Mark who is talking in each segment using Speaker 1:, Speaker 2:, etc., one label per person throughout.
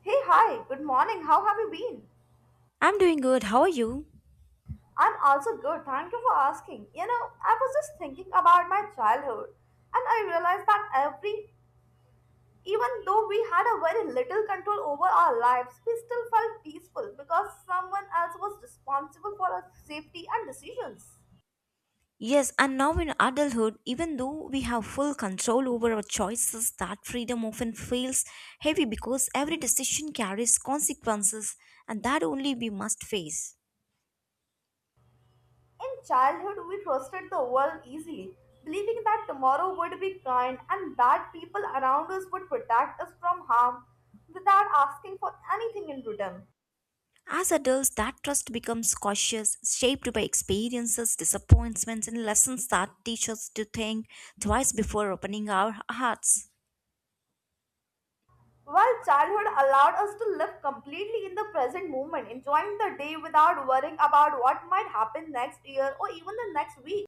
Speaker 1: Hey, hi, good morning. How have you been?
Speaker 2: I'm doing good. How are you?
Speaker 1: I'm also good. Thank you for asking. You know, I was just thinking about my childhood and I realized that even though we had a very little control over our lives, we still felt peaceful because someone else was responsible for our safety and decisions.
Speaker 2: Yes, and now in adulthood, even though we have full control over our choices, that freedom often feels heavy because every decision carries consequences and that only we must face.
Speaker 1: In childhood, we trusted the world easily, believing that tomorrow would be kind and that people around us would protect us from harm without asking for anything in return.
Speaker 2: As adults, that trust becomes cautious, shaped by experiences, disappointments, and lessons that teach us to think twice before opening our hearts.
Speaker 1: While childhood allowed us to live completely in the present moment, enjoying the day without worrying about what might happen next year or even the next week.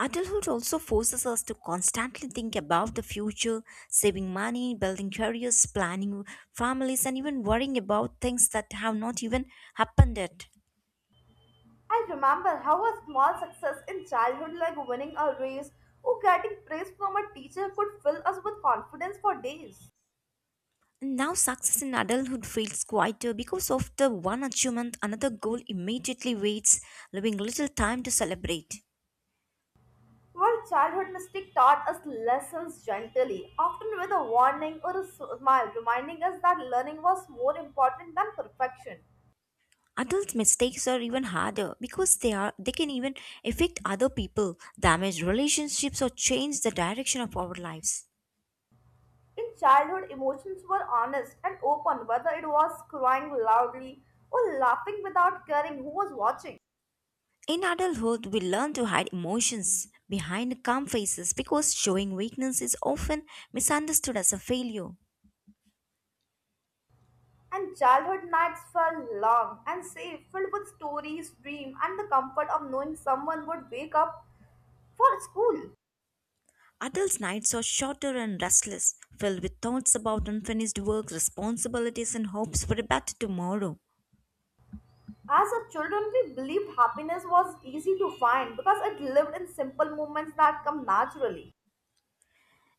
Speaker 2: Adulthood also forces us to constantly think about the future, saving money, building careers, planning families, and even worrying about things that have not even happened yet.
Speaker 1: I remember how a small success in childhood, like winning a race or getting praise from a teacher, could fill us with confidence for days.
Speaker 2: And now, success in adulthood feels quieter because after one achievement, another goal immediately waits, leaving little time to celebrate.
Speaker 1: While childhood mistake taught us lessons gently, often with a warning or a smile, reminding us that learning was more important than perfection.
Speaker 2: Adult mistakes are even harder because they can even affect other people, damage relationships, or change the direction of our lives.
Speaker 1: In childhood, emotions were honest and open, whether it was crying loudly or laughing without caring who was watching.
Speaker 2: In adulthood, we learn to hide emotions behind calm faces because showing weakness is often misunderstood as a failure.
Speaker 1: And childhood nights felt long and safe, filled with stories, dreams, and the comfort of knowing someone would wake up for school.
Speaker 2: Adults' nights are shorter and restless, filled with thoughts about unfinished work, responsibilities, and hopes for a better tomorrow.
Speaker 1: As a children, we believed happiness was easy to find because it lived in simple moments that come naturally.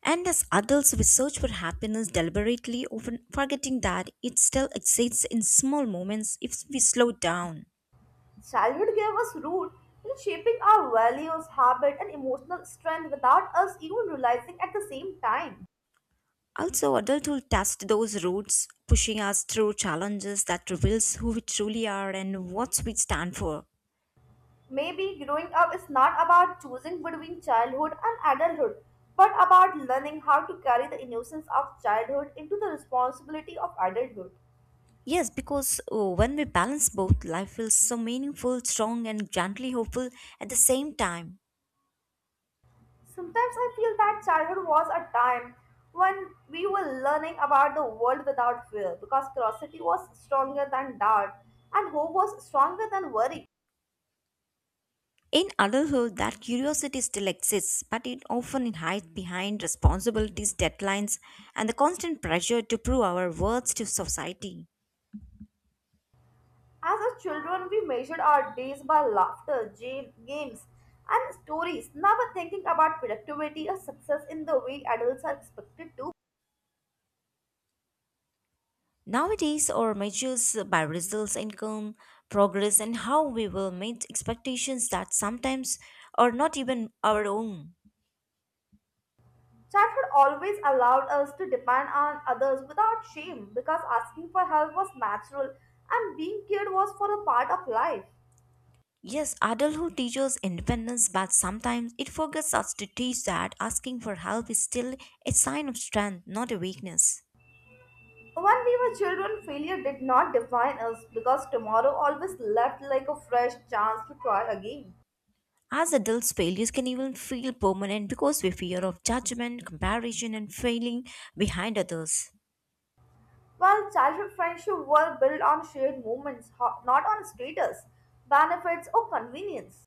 Speaker 2: And as adults, we search for happiness deliberately, often forgetting that it still exists in small moments if we slow down.
Speaker 1: Childhood gave us root in shaping our values, habit, and emotional strength without us even realizing at the same time.
Speaker 2: Also, adulthood tests those roots, pushing us through challenges that reveals who we truly are and what we stand for.
Speaker 1: Maybe growing up is not about choosing between childhood and adulthood, but about learning how to carry the innocence of childhood into the responsibility of adulthood.
Speaker 2: Yes, because when we balance both, life feels so meaningful, strong, and gently hopeful at the same time.
Speaker 1: Sometimes I feel that childhood was a time when we were learning about the world without fear because curiosity was stronger than doubt and hope was stronger than worry.
Speaker 2: In adulthood, that curiosity still exists, but it often hides behind responsibilities, deadlines, and the constant pressure to prove our worth to society.
Speaker 1: As a children, we measured our days by laughter, games, and stories, never thinking about productivity or success in the way adults are expected to.
Speaker 2: Nowadays, our measures by results, income, progress, and how we will meet expectations that sometimes are not even our own.
Speaker 1: Childhood always allowed us to depend on others without shame because asking for help was natural and being cared was for a part of life.
Speaker 2: Yes, adulthood teaches independence, but sometimes it forgets us to teach that asking for help is still a sign of strength, not a weakness.
Speaker 1: When we were children, failure did not define us because tomorrow always left like a fresh chance to try again.
Speaker 2: As adults, failures can even feel permanent because we fear of judgment, comparison, and failing behind others.
Speaker 1: While childhood friendships were built on shared moments, not on status, benefits, or convenience.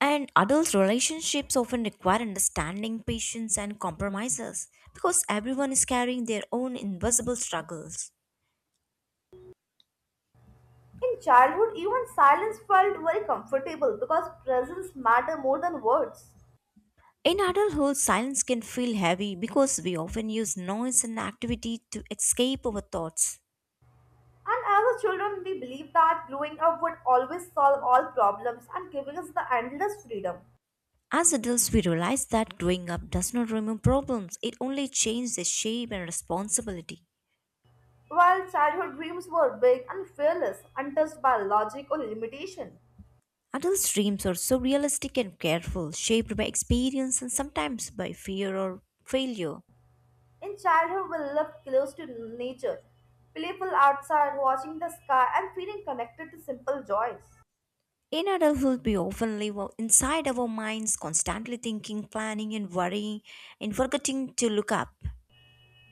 Speaker 2: And adult relationships often require understanding, patience, and compromises because everyone is carrying their own invisible struggles.
Speaker 1: In childhood, even silence felt very comfortable because presence mattered more than words.
Speaker 2: In adulthood, silence can feel heavy because we often use noise and activity to escape our thoughts.
Speaker 1: And as a children, we believed that growing up would always solve all problems and giving us the endless freedom.
Speaker 2: As adults, we realize that growing up does not remove problems, it only changes their shape and responsibility.
Speaker 1: While childhood dreams were big and fearless, untouched by logic or limitation.
Speaker 2: Adults' dreams are so realistic and careful, shaped by experience and sometimes by fear or failure.
Speaker 1: In childhood, we lived close to nature, playful outside, watching the sky, and feeling connected to simple joys.
Speaker 2: In adulthood, we often live inside our minds, constantly thinking, planning, and worrying, and forgetting to look up.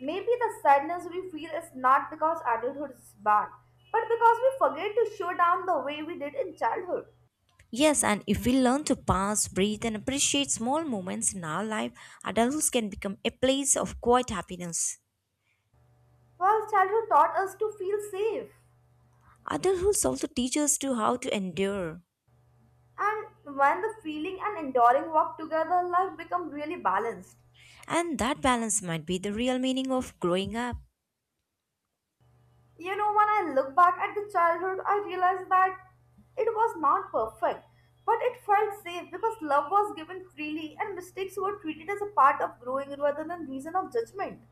Speaker 1: Maybe the sadness we feel is not because adulthood is bad, but because we forget to show down the way we did in childhood.
Speaker 2: Yes, and if we learn to pause, breathe, and appreciate small moments in our life, adulthood can become a place of quiet happiness.
Speaker 1: Well, childhood taught us to feel safe,
Speaker 2: Adulthood also teaches us to how to endure,
Speaker 1: and when the feeling and enduring work together, life becomes really balanced.
Speaker 2: and that balance might be the real meaning of growing up.
Speaker 1: You know, when I look back at the childhood, I realize that it was not perfect, but it felt safe because love was given freely and mistakes were treated as a part of growing rather than reason of judgment.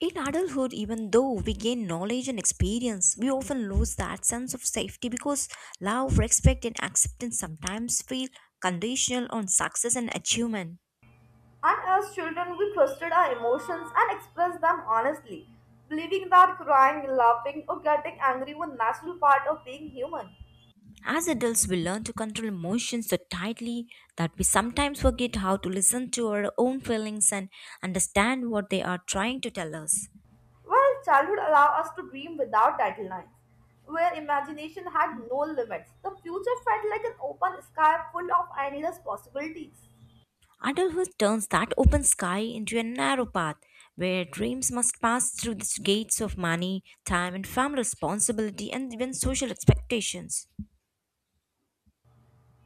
Speaker 2: In adulthood, even though we gain knowledge and experience, we often lose that sense of safety because love, respect, and acceptance sometimes feel conditional on success and achievement.
Speaker 1: And as children, we trusted our emotions and expressed them honestly, believing that crying, laughing, or getting angry were natural part of being human.
Speaker 2: As adults, we learn to control emotions so tightly that we sometimes forget how to listen to our own feelings and understand what they are trying to tell us.
Speaker 1: Well, childhood allowed us to dream without deadlines, where imagination had no limits. The future felt like an open sky full of endless possibilities.
Speaker 2: Adulthood turns that open sky into a narrow path where dreams must pass through the gates of money, time, and family responsibility and even social expectations.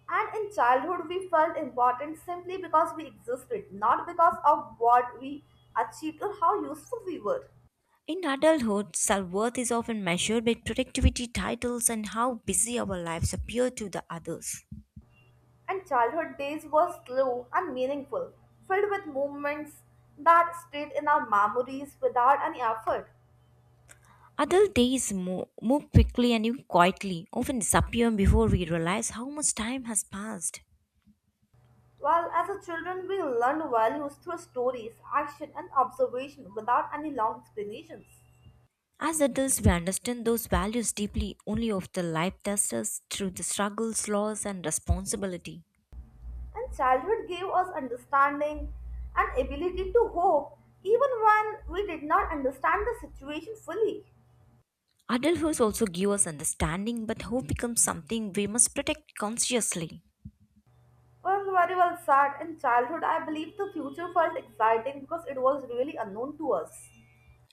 Speaker 1: And in childhood, we felt important simply because we existed, not because of what we achieved or how useful we were.
Speaker 2: In adulthood, self worth is often measured by productivity, titles, and how busy our lives appear to the others.
Speaker 1: And childhood days were slow and meaningful, filled with moments that stayed in our memories without any effort.
Speaker 2: Adult days move quickly and even quietly, often disappear before we realize how much time has passed.
Speaker 1: Well, as a children, we learn values through stories, action, and observation without any long explanations.
Speaker 2: As adults, we understand those values deeply only after life tests us through the struggles, loss, and responsibility.
Speaker 1: And childhood gave us understanding and ability to hope, even when we did not understand the situation fully.
Speaker 2: Adulthood also gives us understanding, but hope becomes something we must protect consciously.
Speaker 1: Well, very well said. In childhood, I believe the future felt exciting because it was really unknown to us.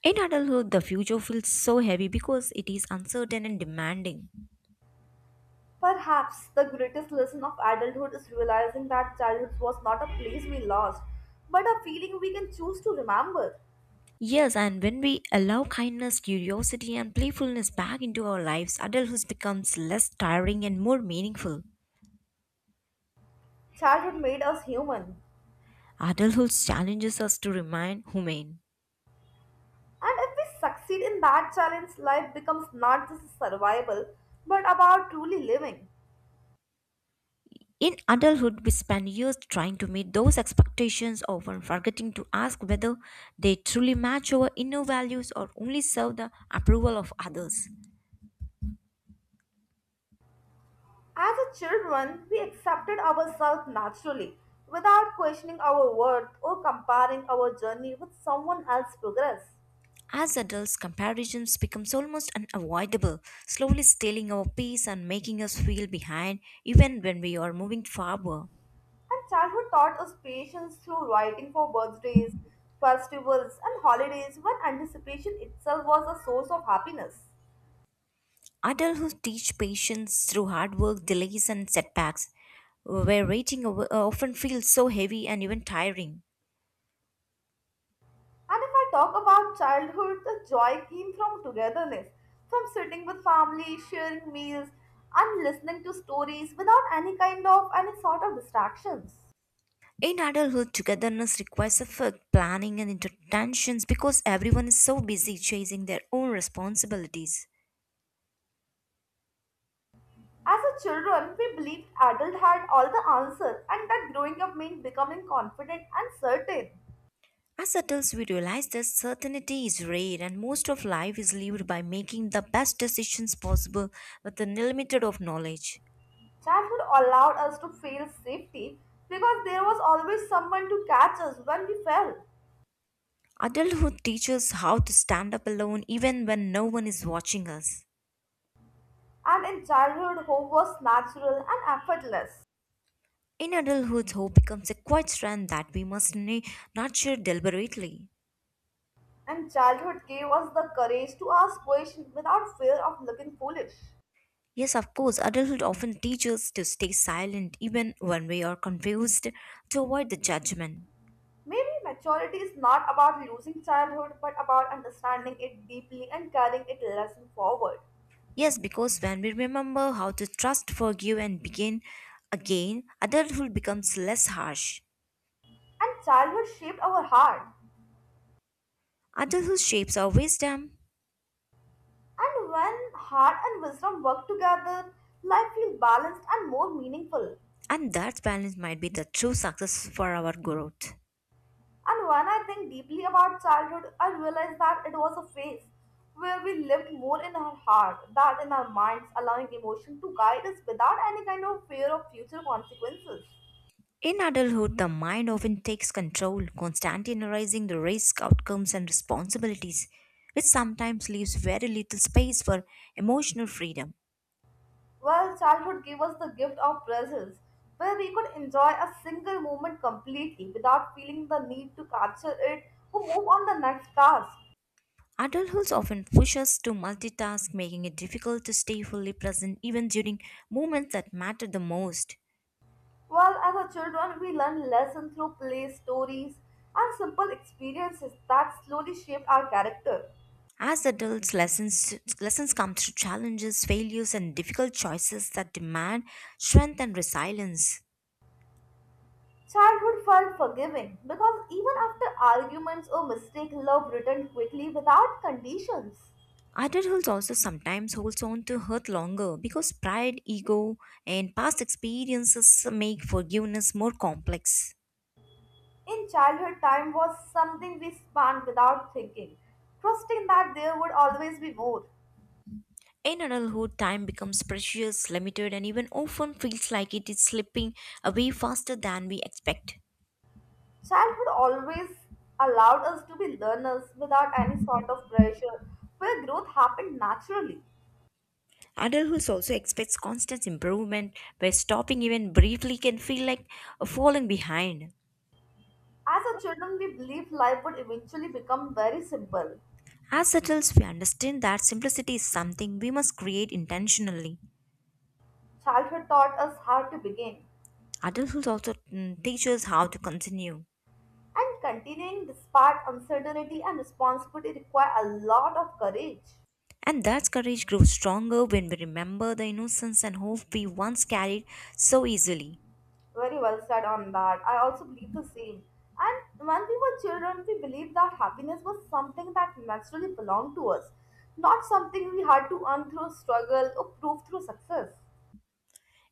Speaker 2: In adulthood, the future feels so heavy because it is uncertain and demanding.
Speaker 1: Perhaps the greatest lesson of adulthood is realizing that childhood was not a place we lost, but a feeling we can choose to remember.
Speaker 2: Yes, and when we allow kindness, curiosity, and playfulness back into our lives, adulthood becomes less tiring and more meaningful.
Speaker 1: Childhood made us human.
Speaker 2: Adulthood challenges us to remain humane.
Speaker 1: And if we succeed in that challenge, life becomes not just survival, but about truly living.
Speaker 2: In adulthood, we spend years trying to meet those expectations, often forgetting to ask whether they truly match our inner values or only serve the approval of others.
Speaker 1: As a children, we accepted ourselves naturally, without questioning our worth or comparing our journey with someone else's progress.
Speaker 2: As adults, comparisons becomes almost unavoidable, slowly stealing our peace and making us feel behind even when we are moving forward.
Speaker 1: And childhood taught us patience through writing for birthdays, festivals, and holidays when anticipation itself was a source of happiness.
Speaker 2: Adulthood teach patience through hard work, delays and setbacks, where waiting often feels so heavy and even tiring.
Speaker 1: And if I talk about childhood, the joy came from togetherness, from sitting with family, sharing meals, and listening to stories without any sort of distractions.
Speaker 2: In adulthood, togetherness requires effort, planning, and intertensions because everyone is so busy chasing their own responsibilities.
Speaker 1: As a children, we believed adult had all the answer and that growing up meant becoming confident and certain.
Speaker 2: As adults, we realize that certainty is rare and most of life is lived by making the best decisions possible with the limited of knowledge.
Speaker 1: Childhood allowed us to feel safety because there was always someone to catch us when we fell.
Speaker 2: Adulthood teaches how to stand up alone even when no one is watching us.
Speaker 1: And in childhood, hope was natural and effortless.
Speaker 2: In adulthood, hope becomes a quiet strength that we must nurture deliberately.
Speaker 1: And childhood gave us the courage to ask questions without fear of looking foolish.
Speaker 2: Yes, of course, adulthood often teaches us to stay silent even when we are confused to avoid the judgment.
Speaker 1: Maybe maturity is not about losing childhood but about understanding it deeply and carrying it lesson forward.
Speaker 2: Yes, because when we remember how to trust, forgive, and begin again, adulthood becomes less harsh.
Speaker 1: And childhood shaped our heart.
Speaker 2: Adulthood shapes our wisdom,
Speaker 1: And when heart and wisdom work together, life feels balanced and more meaningful.
Speaker 2: and that balance might be the true success for our growth.
Speaker 1: And when I think deeply about childhood, I realize that it was a phase where we lived more in our heart than in our minds, allowing emotion to guide us without any kind of fear of future consequences.
Speaker 2: In adulthood, the mind often takes control, constantly analyzing the risk, outcomes, and responsibilities, which sometimes leaves very little space for emotional freedom.
Speaker 1: Well, childhood gave us the gift of presence, where we could enjoy a single moment completely without feeling the need to capture it or move on the next task.
Speaker 2: Adulthood often pushes us to multitask, making it difficult to stay fully present even during moments that matter the most.
Speaker 1: Well, as a children, we learn lessons through play, stories, and simple experiences that slowly shaped our character.
Speaker 2: As adults, lessons come through challenges, failures, and difficult choices that demand strength and resilience.
Speaker 1: Childhood felt forgiving because even after arguments or mistakes, love returned quickly without conditions.
Speaker 2: Adulthood also sometimes holds on to hurt longer because pride, ego, and past experiences make forgiveness more complex.
Speaker 1: In childhood, time was something we spent without thinking, trusting that there would always be more.
Speaker 2: In adulthood, time becomes precious, limited, and even often feels like it is slipping away faster than we expect.
Speaker 1: Childhood always allowed us to be learners without any sort of pressure, where growth happened naturally.
Speaker 2: Adulthood also expects constant improvement, where stopping even briefly can feel like a falling behind.
Speaker 1: As a children, we believed life would eventually become very simple.
Speaker 2: As adults, we understand that simplicity is something we must create intentionally.
Speaker 1: Childhood taught us how to begin,
Speaker 2: Adulthood also teaches how to continue.
Speaker 1: and continuing despite uncertainty and responsibility require a lot of courage.
Speaker 2: And that courage grows stronger when we remember the innocence and hope we once carried so easily.
Speaker 1: Very well said on that. I also believe the same. And when we were children, we believed that happiness was something that naturally belonged to us, not something we had to earn through struggle or prove through success.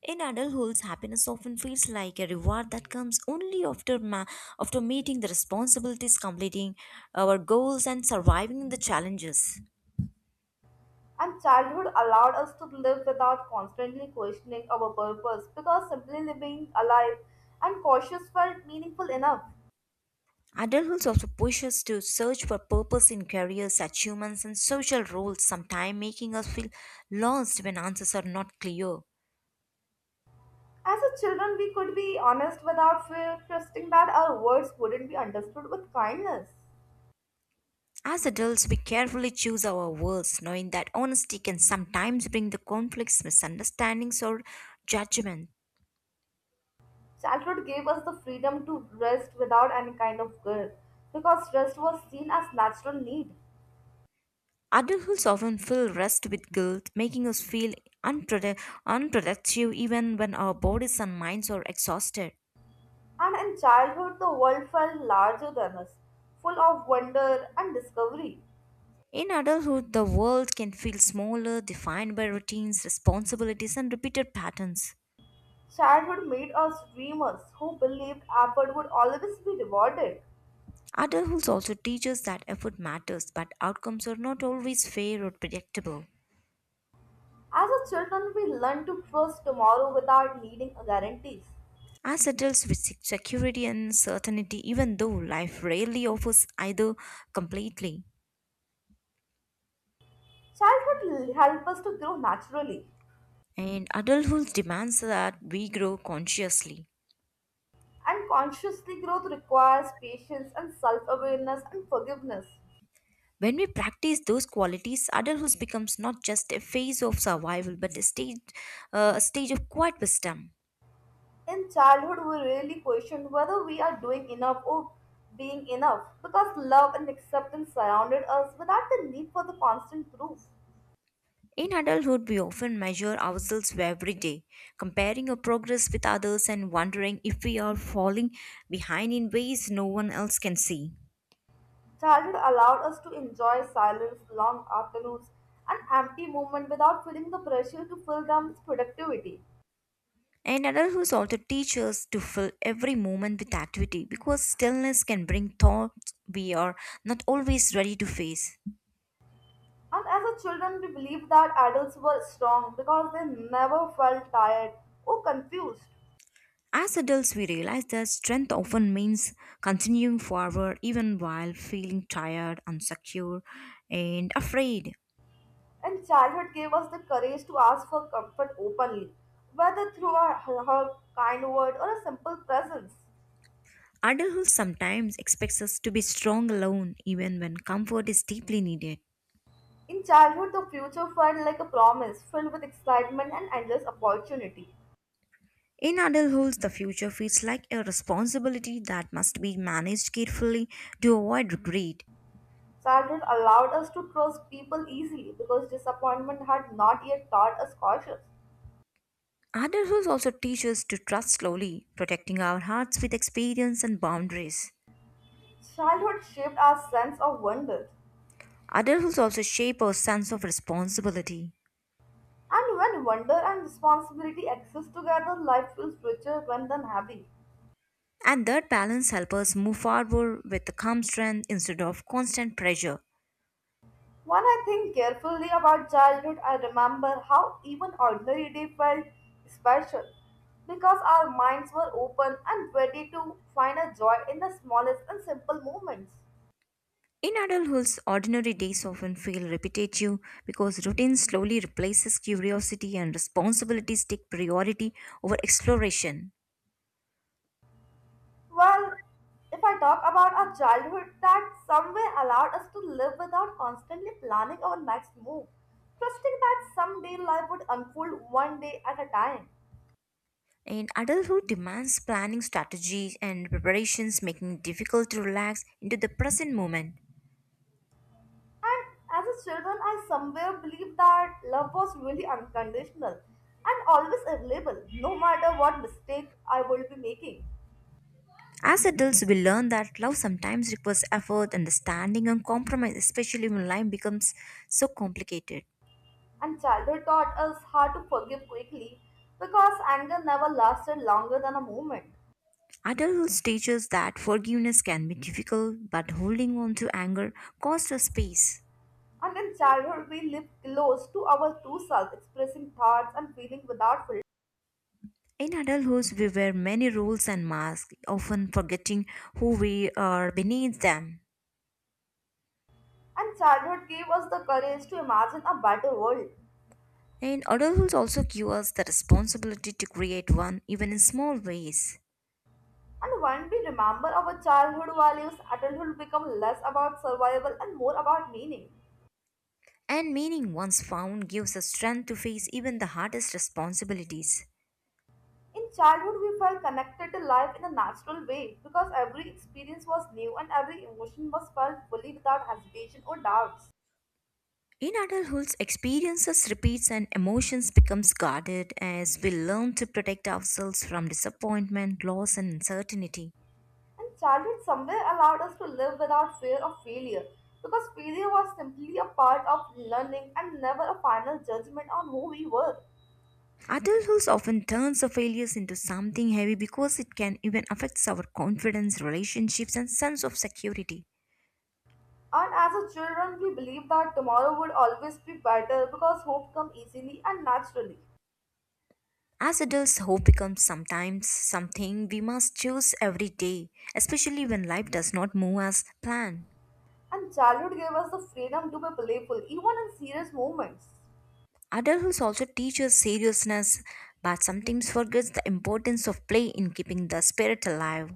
Speaker 2: In adulthood, happiness often feels like a reward that comes only after after meeting the responsibilities, completing our goals, and surviving the challenges.
Speaker 1: And childhood allowed us to live without constantly questioning our purpose because simply living alive and cautious felt meaningful enough.
Speaker 2: Adulthood also pushes us to search for purpose in careers, achievements, and social roles, sometimes making us feel lost when answers are not clear.
Speaker 1: As a children, we could be honest without fear, trusting that our words wouldn't be understood with kindness.
Speaker 2: As adults, we carefully choose our words, knowing that honesty can sometimes bring the conflicts, misunderstandings, or judgment.
Speaker 1: Childhood gave us the freedom to rest without any kind of guilt, because rest was seen as natural need.
Speaker 2: Adulthood often fill rest with guilt, making us feel unprodu- unproductive even when our bodies and minds are exhausted.
Speaker 1: And in childhood, the world felt larger than us, full of wonder and discovery.
Speaker 2: In adulthood, the world can feel smaller, defined by routines, responsibilities, and repeated patterns.
Speaker 1: Childhood made us dreamers who believed effort would always be rewarded.
Speaker 2: Adulthood also teaches that effort matters, but outcomes are not always fair or predictable.
Speaker 1: As a children, we learn to trust tomorrow without needing guarantees.
Speaker 2: As adults, we seek security and certainty, even though life rarely offers either completely.
Speaker 1: Childhood help us to grow naturally.
Speaker 2: And adulthood demands that we grow consciously.
Speaker 1: And consciously growth requires patience and self awareness and forgiveness.
Speaker 2: When we practice those qualities, adulthood becomes not just a phase of survival but a stage of quiet wisdom.
Speaker 1: In childhood, we really question whether we are doing enough or being enough because love and acceptance surrounded us without the need for the constant proof.
Speaker 2: In adulthood, we often measure ourselves every day, comparing our progress with others and wondering if we are falling behind in ways no one else can see.
Speaker 1: Childhood allowed us to enjoy silence, long afternoons, and empty moments without feeling the pressure to fill them with productivity.
Speaker 2: And adulthood also teaches us to fill every moment with activity because stillness can bring thoughts we are not always ready to face.
Speaker 1: And as a children, we believed that adults were strong because they never felt tired or confused.
Speaker 2: As adults, we realize that strength often means continuing forward even while feeling tired, unsecure, and afraid.
Speaker 1: And childhood gave us the courage to ask for comfort openly, whether through her kind word or a simple presence.
Speaker 2: Adulthood sometimes expects us to be strong alone, even when comfort is deeply needed.
Speaker 1: In childhood, the future felt like a promise filled with excitement and endless opportunity.
Speaker 2: In adulthood, the future feels like a responsibility that must be managed carefully to avoid regret.
Speaker 1: Childhood allowed us to trust people easily because disappointment had not yet taught us caution.
Speaker 2: Adulthood also teaches us to trust slowly, protecting our hearts with experience and boundaries.
Speaker 1: Childhood shaped our sense of wonder.
Speaker 2: Adulthood also shapes our sense of responsibility.
Speaker 1: And when wonder and responsibility exist together, life feels richer rather than heavy.
Speaker 2: And that balance helps us move forward with calm strength instead of constant pressure.
Speaker 1: When I think carefully about childhood, I remember how even ordinary day felt special because our minds were open and ready to find a joy in the smallest and simple moments.
Speaker 2: In adulthood, ordinary days often feel repetitive because routine slowly replaces curiosity and responsibilities take priority over exploration.
Speaker 1: Well, if I talk about our childhood, that somewhere allowed us to live without constantly planning our next move, trusting that someday life would unfold one day at a time.
Speaker 2: And adulthood demands planning strategies and preparations, making it difficult to relax into the present moment.
Speaker 1: And as a children, I somewhere believed that love was really unconditional and always available, no matter what mistake I would be making.
Speaker 2: As adults, we learn that love sometimes requires effort, understanding, and compromise, especially when life becomes so complicated.
Speaker 1: And childhood taught us how to forgive quickly because anger never lasted longer than a moment.
Speaker 2: Adults teach us that forgiveness can be difficult, but holding on to anger costs us peace.
Speaker 1: And in childhood, we live close to our true self, expressing thoughts and feelings without filter.
Speaker 2: In adulthood, we wear many roles and masks, often forgetting who we are beneath them.
Speaker 1: And childhood gave us the courage to imagine a better world.
Speaker 2: And adulthood also gives us the responsibility to create one, even in small ways.
Speaker 1: And when we remember our childhood values, adulthood becomes less about survival and more about meaning.
Speaker 2: And meaning once found gives us strength to face even the hardest responsibilities.
Speaker 1: In childhood, we felt connected to life in a natural way because every experience was new and every emotion was felt fully without hesitation or doubts.
Speaker 2: In adulthood, experiences repeats and emotions becomes guarded as we learn to protect ourselves from disappointment, loss and uncertainty.
Speaker 1: And childhood somewhere allowed us to live without fear of failure because failure was simply a part of learning and never a final judgment on who we were.
Speaker 2: Adulthood often turns our failures into something heavy because it can even affect our confidence, relationships and sense of security.
Speaker 1: And as a children, we believed that tomorrow would always be better because hope comes easily and naturally.
Speaker 2: As adults, hope becomes sometimes something we must choose every day, especially when life does not move as planned.
Speaker 1: And childhood gave us the freedom to be playful even in serious moments.
Speaker 2: Adults also teaches seriousness, but sometimes forgets the importance of play in keeping the spirit alive.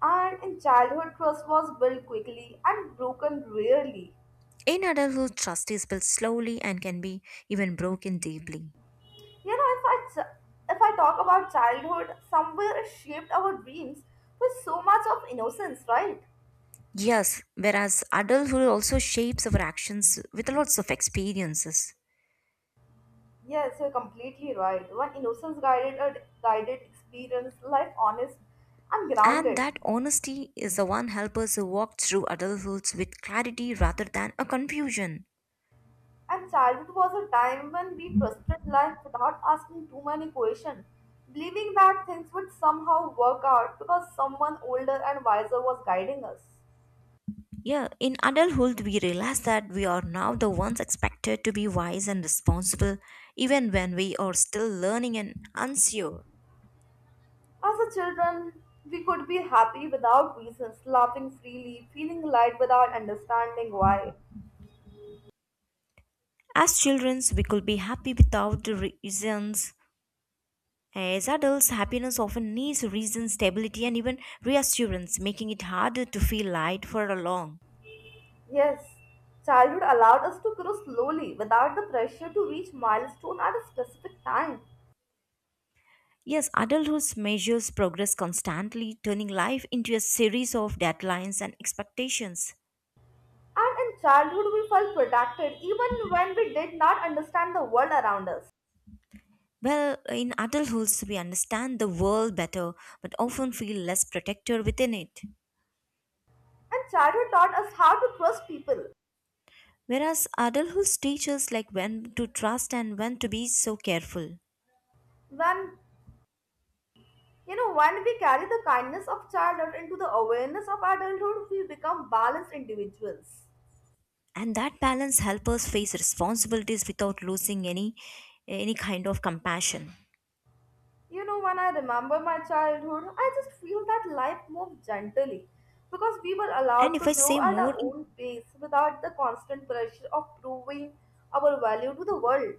Speaker 1: And in childhood, trust was built quickly and broken rarely.
Speaker 2: In adulthood, trust is built slowly and can be even broken deeply.
Speaker 1: You know, if I talk about childhood, somewhere it shaped our dreams with so much of innocence, right?
Speaker 2: Yes, whereas adulthood also shapes our actions with lots of experiences.
Speaker 1: Yes, you're completely right. When innocence guided a guided experience, life honest and
Speaker 2: And
Speaker 1: grounded.
Speaker 2: that honesty is the one help us walk through adulthood with clarity rather than a confusion.
Speaker 1: And childhood was a time when we trusted life without asking too many questions, believing that things would somehow work out because someone older and wiser was guiding us.
Speaker 2: Yeah, in adulthood, we realize that we are now the ones expected to be wise and responsible, even when we are still learning and unsure.
Speaker 1: As a children, we could be happy without reasons, laughing freely, feeling light without understanding why.
Speaker 2: As children, we could be happy without the reasons. As adults, happiness often needs reason, stability, and even reassurance, making it harder to feel light for a long.
Speaker 1: Yes, childhood allowed us to grow slowly without the pressure to reach milestone at a specific time.
Speaker 2: Yes, adulthood measures progress constantly, turning life into a series of deadlines and expectations.
Speaker 1: And in childhood, we felt protected even when we did not understand the world around us.
Speaker 2: Well, in adulthood, we understand the world better but often feel less protected within it.
Speaker 1: And childhood taught us how to trust people.
Speaker 2: Whereas adulthood teaches like when to trust and when to be so careful.
Speaker 1: When when we carry the kindness of childhood into the awareness of adulthood, we become balanced individuals.
Speaker 2: And that balance helps us face responsibilities without losing any kind of compassion.
Speaker 1: You know, when I remember my childhood, I just feel that life moved gently because we were
Speaker 2: And
Speaker 1: allowed to
Speaker 2: if I
Speaker 1: grow
Speaker 2: say
Speaker 1: at
Speaker 2: more
Speaker 1: our
Speaker 2: in,
Speaker 1: own pace without the constant pressure of proving our value to the world.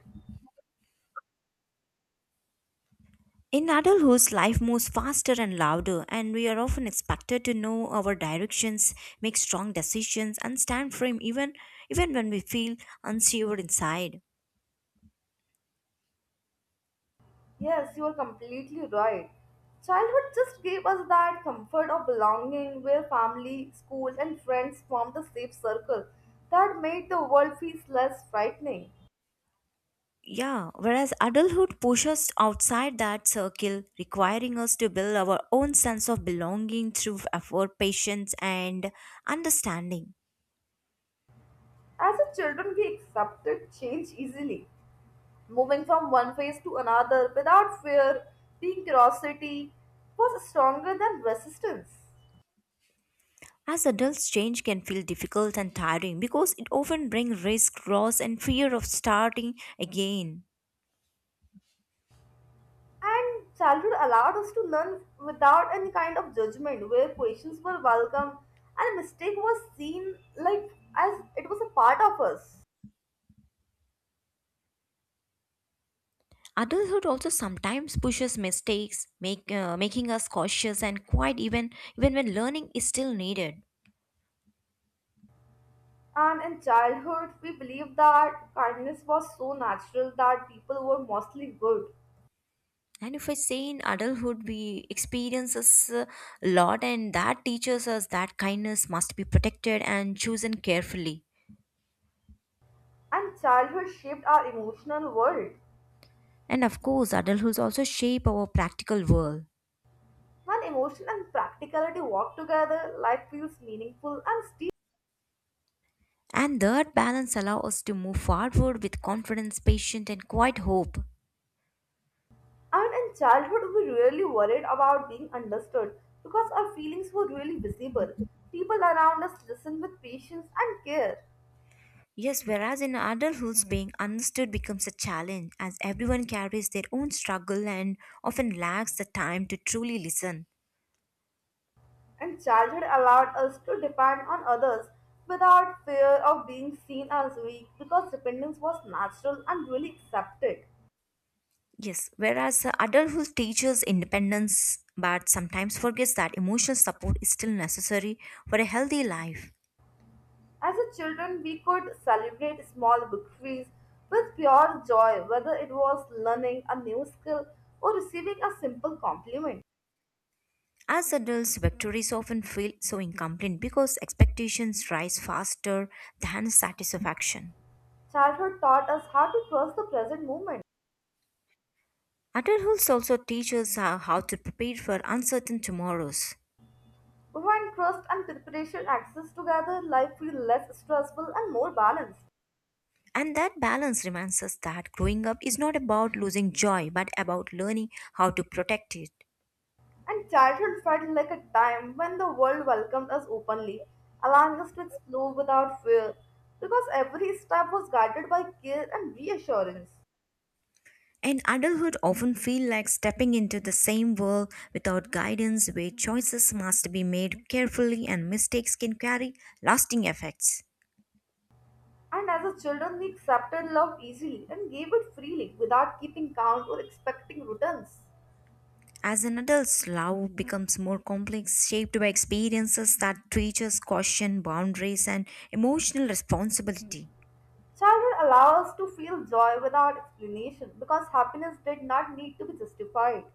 Speaker 2: in adulthood, life moves faster and louder, and we are often expected to know our directions, make strong decisions, and stand firm even when we feel unsure inside.
Speaker 1: Yes, you are completely right. Childhood just gave us that comfort of belonging where family, school, and friends formed a safe circle that made the world feel less frightening.
Speaker 2: Yeah, whereas adulthood pushes us outside that circle, requiring us to build our own sense of belonging through effort, patience, and understanding.
Speaker 1: As a children, we accepted change easily, moving from one phase to another without fear, the curiosity was stronger than resistance.
Speaker 2: As adults, change can feel difficult and tiring because it often brings risk, loss, and fear of starting again.
Speaker 1: And childhood allowed us to learn without any kind of judgment, where questions were welcome and mistake was seen like as it was a part of us.
Speaker 2: Adulthood also sometimes pushes mistakes, making us cautious and quiet even when learning is still needed.
Speaker 1: And in childhood, we believed that kindness was so natural that people were mostly good.
Speaker 2: And if I say in adulthood, we experiences a lot, and that teaches us that kindness must be protected and chosen carefully.
Speaker 1: And childhood shaped our emotional world.
Speaker 2: And of course, adulthood also shape our practical world.
Speaker 1: When emotion and practicality walk together, life feels meaningful and.
Speaker 2: And that balance allows us to move forward with confidence, patience, and quiet hope.
Speaker 1: And in childhood, we really worried about being understood because our feelings were really visible. People around us listened with patience and care,
Speaker 2: Yes, whereas in adulthood, being understood becomes a challenge as everyone carries their own struggle and often lacks the time to truly listen.
Speaker 1: and childhood allowed us to depend on others without fear of being seen as weak because dependence was natural and really accepted.
Speaker 2: Yes, whereas adulthood teaches independence but sometimes forgets that emotional support is still necessary for a healthy life.
Speaker 1: As a children, we could celebrate small victories with pure joy, whether it was learning a new skill or receiving a simple compliment.
Speaker 2: As adults, victories often feel so incomplete because expectations rise faster than satisfaction.
Speaker 1: Childhood taught us how to trust the present moment.
Speaker 2: Adulthood also teaches how to prepare for uncertain tomorrows.
Speaker 1: When trust and preparation access together, life feels less stressful and more balanced.
Speaker 2: And that balance reminds us that growing up is not about losing joy but about learning how to protect it.
Speaker 1: And childhood felt like a time when the world welcomed us openly, allowing us to explore without fear, because every step was guided by care and reassurance.
Speaker 2: And adulthood often feel like stepping into the same world without guidance where choices must be made carefully and mistakes can carry lasting effects.
Speaker 1: And as a children, we accepted love easily and gave it freely without keeping count or expecting returns.
Speaker 2: As an adult, love becomes more complex, shaped by experiences that teach us caution, boundaries, and emotional responsibility.
Speaker 1: Childhood allows us to feel joy without explanation because happiness did not need to be justified.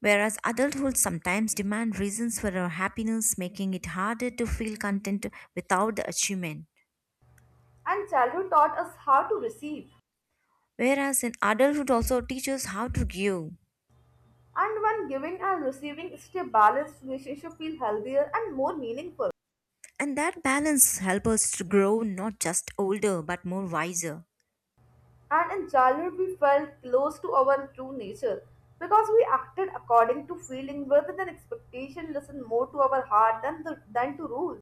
Speaker 2: Whereas adulthood sometimes demands reasons for our happiness, making it harder to feel content without the achievement.
Speaker 1: And childhood taught us how to receive.
Speaker 2: Whereas in adulthood also teaches how to give.
Speaker 1: And when giving and receiving is a balanced relationship feel healthier and more meaningful.
Speaker 2: And that balance helps us to grow not just older but more wiser.
Speaker 1: And in childhood we felt close to our true nature because we acted according to feeling rather than expectation, listened more to our heart than to rules.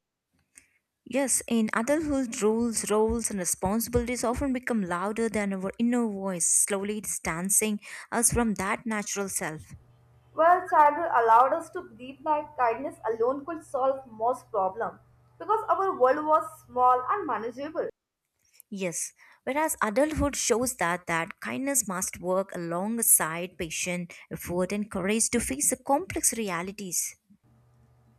Speaker 2: Yes, in adulthood, rules, roles, and responsibilities often become louder than our inner voice, slowly distancing us from that natural self.
Speaker 1: Well, childhood allowed us to believe that kindness alone could solve most problems because our world was small and manageable.
Speaker 2: Yes, whereas adulthood shows that kindness must work alongside patient effort and courage to face the complex realities.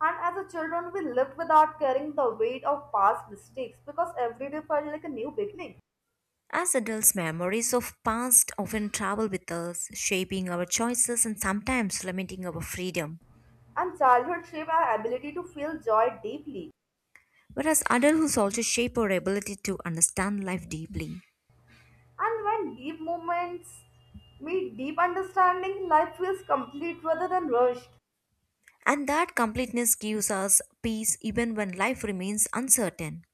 Speaker 1: And as a children, we lived without carrying the weight of past mistakes because every day felt like a new beginning.
Speaker 2: As adults, memories of past often travel with us, shaping our choices and sometimes limiting our freedom.
Speaker 1: And childhood shaped our ability to feel joy deeply.
Speaker 2: Whereas adulthood also shape our ability to understand life deeply.
Speaker 1: And when deep moments meet deep understanding, life feels complete rather than rushed.
Speaker 2: And that completeness gives us peace even when life remains uncertain.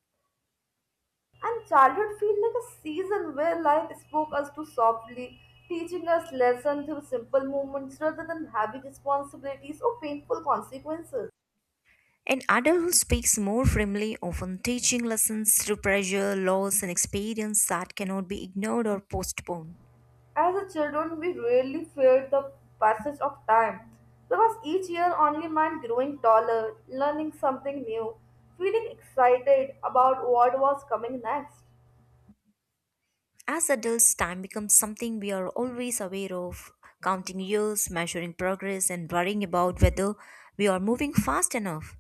Speaker 1: And childhood feels like a season where life spoke us to softly, teaching us lessons through simple moments rather than heavy responsibilities or painful consequences.
Speaker 2: An adult who speaks more firmly, often teaching lessons through pressure, loss, and experience that cannot be ignored or postponed.
Speaker 1: As a children, we rarely feared the passage of time because each year only meant growing taller, learning something new, feeling excited about what was coming next.
Speaker 2: As adults, time becomes something we are always aware of, counting years, measuring progress, and worrying about whether we are moving fast enough.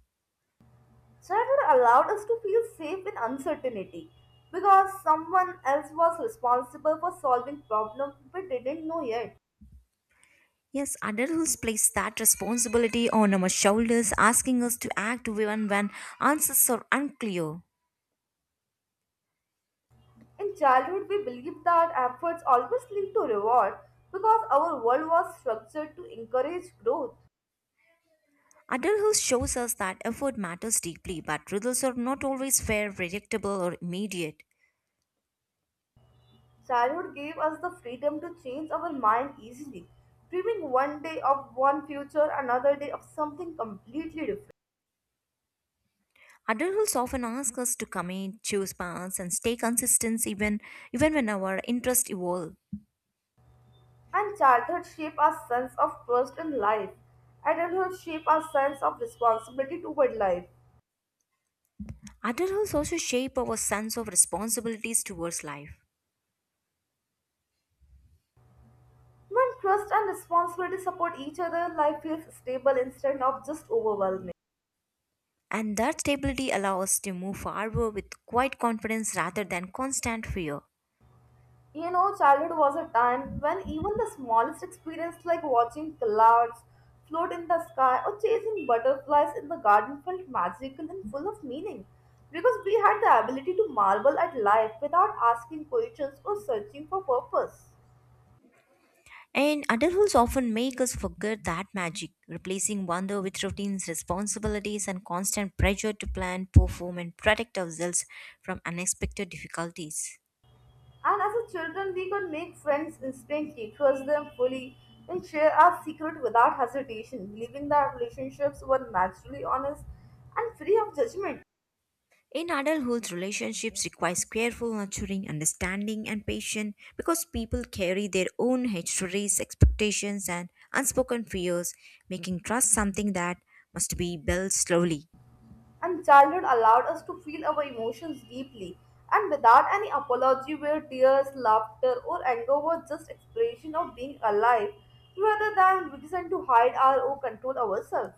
Speaker 1: Childhood allowed us to feel safe in uncertainty because someone else was responsible for solving problems we didn't know yet.
Speaker 2: Yes, adults place that responsibility on our shoulders, asking us to act even when answers are unclear.
Speaker 1: In childhood, we believed that efforts always lead to reward because our world was structured to encourage growth.
Speaker 2: Adulthood shows us that effort matters deeply, but results are not always fair, predictable, or immediate.
Speaker 1: Childhood gave us the freedom to change our mind easily, dreaming one day of one future, another day of something completely different.
Speaker 2: Adults often ask us to commit, choose paths, and stay consistent even when our interests evolve.
Speaker 1: And childhood shaped our sense of trust in life. Adulthood shaped our sense of responsibility toward life.
Speaker 2: Adulthood also shape our sense of responsibilities towards life.
Speaker 1: When trust and responsibility support each other, life feels stable instead of just overwhelming.
Speaker 2: And that stability allows us to move forward with quiet confidence rather than constant fear.
Speaker 1: You know, childhood was a time when even the smallest experience, like watching clouds float in the sky or chasing butterflies in the garden, felt magical and full of meaning because we had the ability to marvel at life without asking questions or searching for purpose.
Speaker 2: And adulthood often make us forget that magic, replacing wonder with routines, responsibilities, and constant pressure to plan, perform, and protect ourselves from unexpected difficulties.
Speaker 1: And as a children, we could make friends instantly, trust them fully, and share our secret without hesitation, believing that relationships were naturally honest and free of judgment.
Speaker 2: In adulthood, relationships requires careful nurturing, understanding, and patience because people carry their own histories, expectations, and unspoken fears, making trust something that must be built slowly.
Speaker 1: And childhood allowed us to feel our emotions deeply and without any apology, where tears, laughter or anger were just expression of being alive rather than reason to hide our or control ourselves.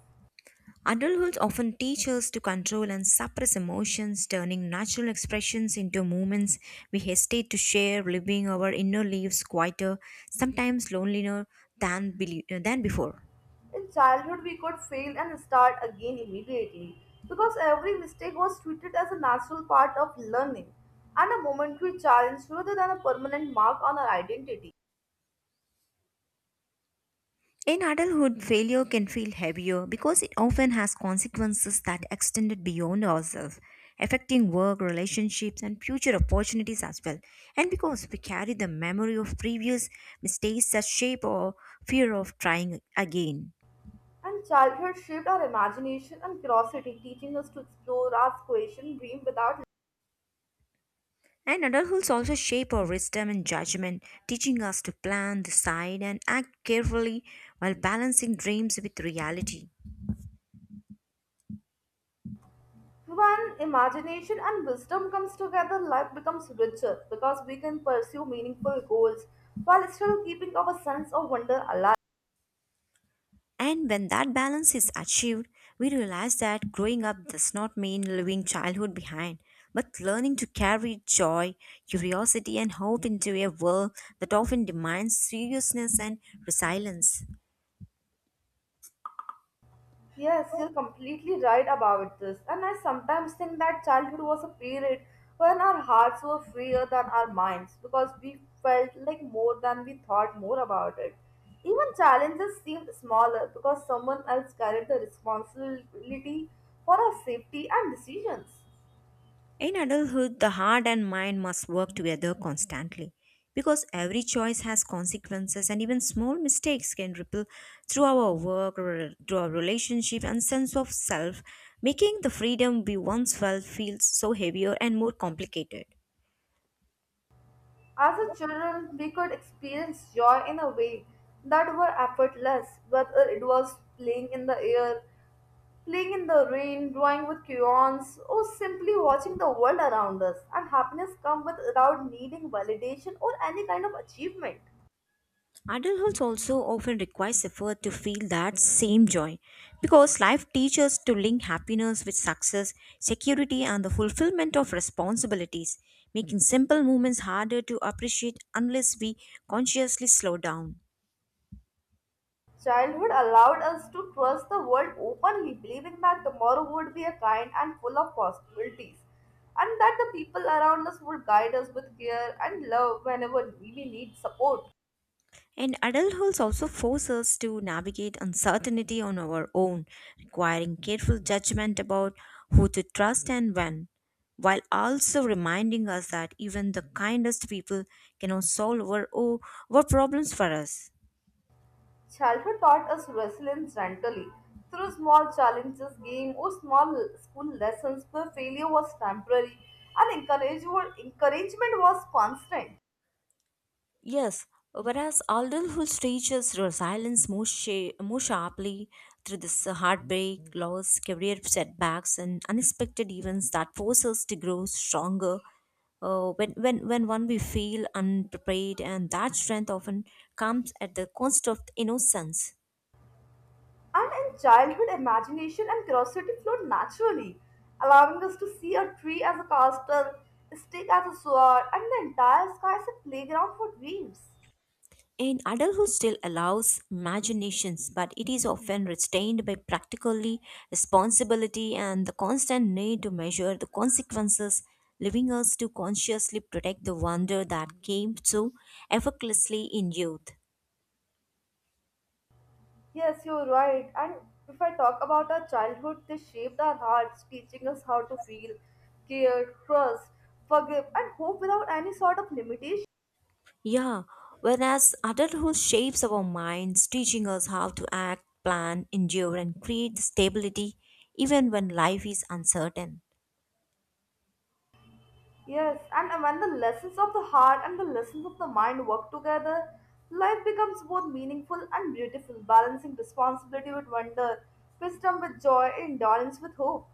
Speaker 2: Adulthood often teaches us to control and suppress emotions, turning natural expressions into moments we hesitate to share, leaving our inner lives quieter, sometimes lonelier than before.
Speaker 1: In childhood we could fail and start again immediately because every mistake was treated as a natural part of learning and a momentary challenge rather than a permanent mark on our identity.
Speaker 2: In adulthood, failure can feel heavier because it often has consequences that extended beyond ourselves, affecting work, relationships, and future opportunities as well. And because we carry the memory of previous mistakes that shape our fear of trying again.
Speaker 1: And childhood shaped our imagination and curiosity, teaching us to explore, ask, question, dream without.
Speaker 2: And adulthood also shape our wisdom and judgment, teaching us to plan, decide, and act carefully while balancing dreams with reality.
Speaker 1: When imagination and wisdom comes together, life becomes richer because we can pursue meaningful goals while still keeping our sense of wonder alive.
Speaker 2: And when that balance is achieved, we realize that growing up does not mean leaving childhood behind, but learning to carry joy, curiosity, and hope into a world that often demands seriousness and resilience.
Speaker 1: Yes, you're completely right about this. And I sometimes think that childhood was a period when our hearts were freer than our minds because we felt like more than we thought more about it. Even challenges seemed smaller because someone else carried the responsibility for our safety and decisions.
Speaker 2: In adulthood, the heart and mind must work together constantly because every choice has consequences, and even small mistakes can ripple through our work, or through our relationship, and sense of self, making the freedom we once felt feel so heavier and more complicated.
Speaker 1: As a children, we could experience joy in a way that were effortless, whether it was playing in the air, playing in the rain, drawing with crayons, or simply watching the world around us. And happiness comes without needing validation or any kind of achievement.
Speaker 2: Adulthood also often requires effort to feel that same joy because life teaches to link happiness with success, security, and the fulfillment of responsibilities, making simple moments harder to appreciate unless we consciously slow down.
Speaker 1: Childhood allowed us to trust the world openly, believing that tomorrow would be a kind and full of possibilities, and that the people around us would guide us with care and love whenever we need support.
Speaker 2: And adulthood also forces us to navigate uncertainty on our own, requiring careful judgment about who to trust and when, while also reminding us that even the kindest people cannot solve our problems for us.
Speaker 1: Childhood taught us resilience gently through small challenges, game, or small school lessons where failure was temporary and encouragement was constant.
Speaker 2: Yes, whereas adulthood teaches resilience more sharply through this heartbreak, loss, career setbacks, and unexpected events that force us to grow stronger. When one we feel unprepared, and that strength often comes at the cost of innocence.
Speaker 1: And in childhood, imagination and curiosity flowed naturally, allowing us to see a tree as a castle, a stick as a sword, and the entire sky as a playground for dreams.
Speaker 2: In adulthood still allows imaginations, but it is often restrained by practically responsibility and the constant need to measure the consequences, leaving us to consciously protect the wonder that came so effortlessly in youth.
Speaker 1: Yes, you're right. And if I talk about our childhood, they shaped our hearts, teaching us how to feel, care, trust, forgive, and hope without any sort of limitation.
Speaker 2: Yeah, whereas adulthood shapes our minds, teaching us how to act, plan, endure, and create stability even when life is uncertain.
Speaker 1: Yes, and when the lessons of the heart and the lessons of the mind work together, life becomes both meaningful and beautiful, balancing responsibility with wonder, wisdom with joy, and endurance with hope.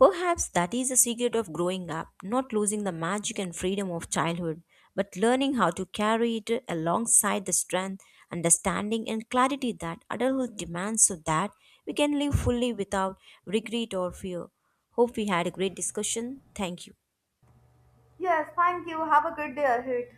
Speaker 2: Perhaps that is the secret of growing up, not losing the magic and freedom of childhood, but learning how to carry it alongside the strength, understanding, and clarity that adulthood demands so that we can live fully without regret or fear. Hope we had a great discussion. Thank you.
Speaker 1: Yes, thank you. Have a good day ahead.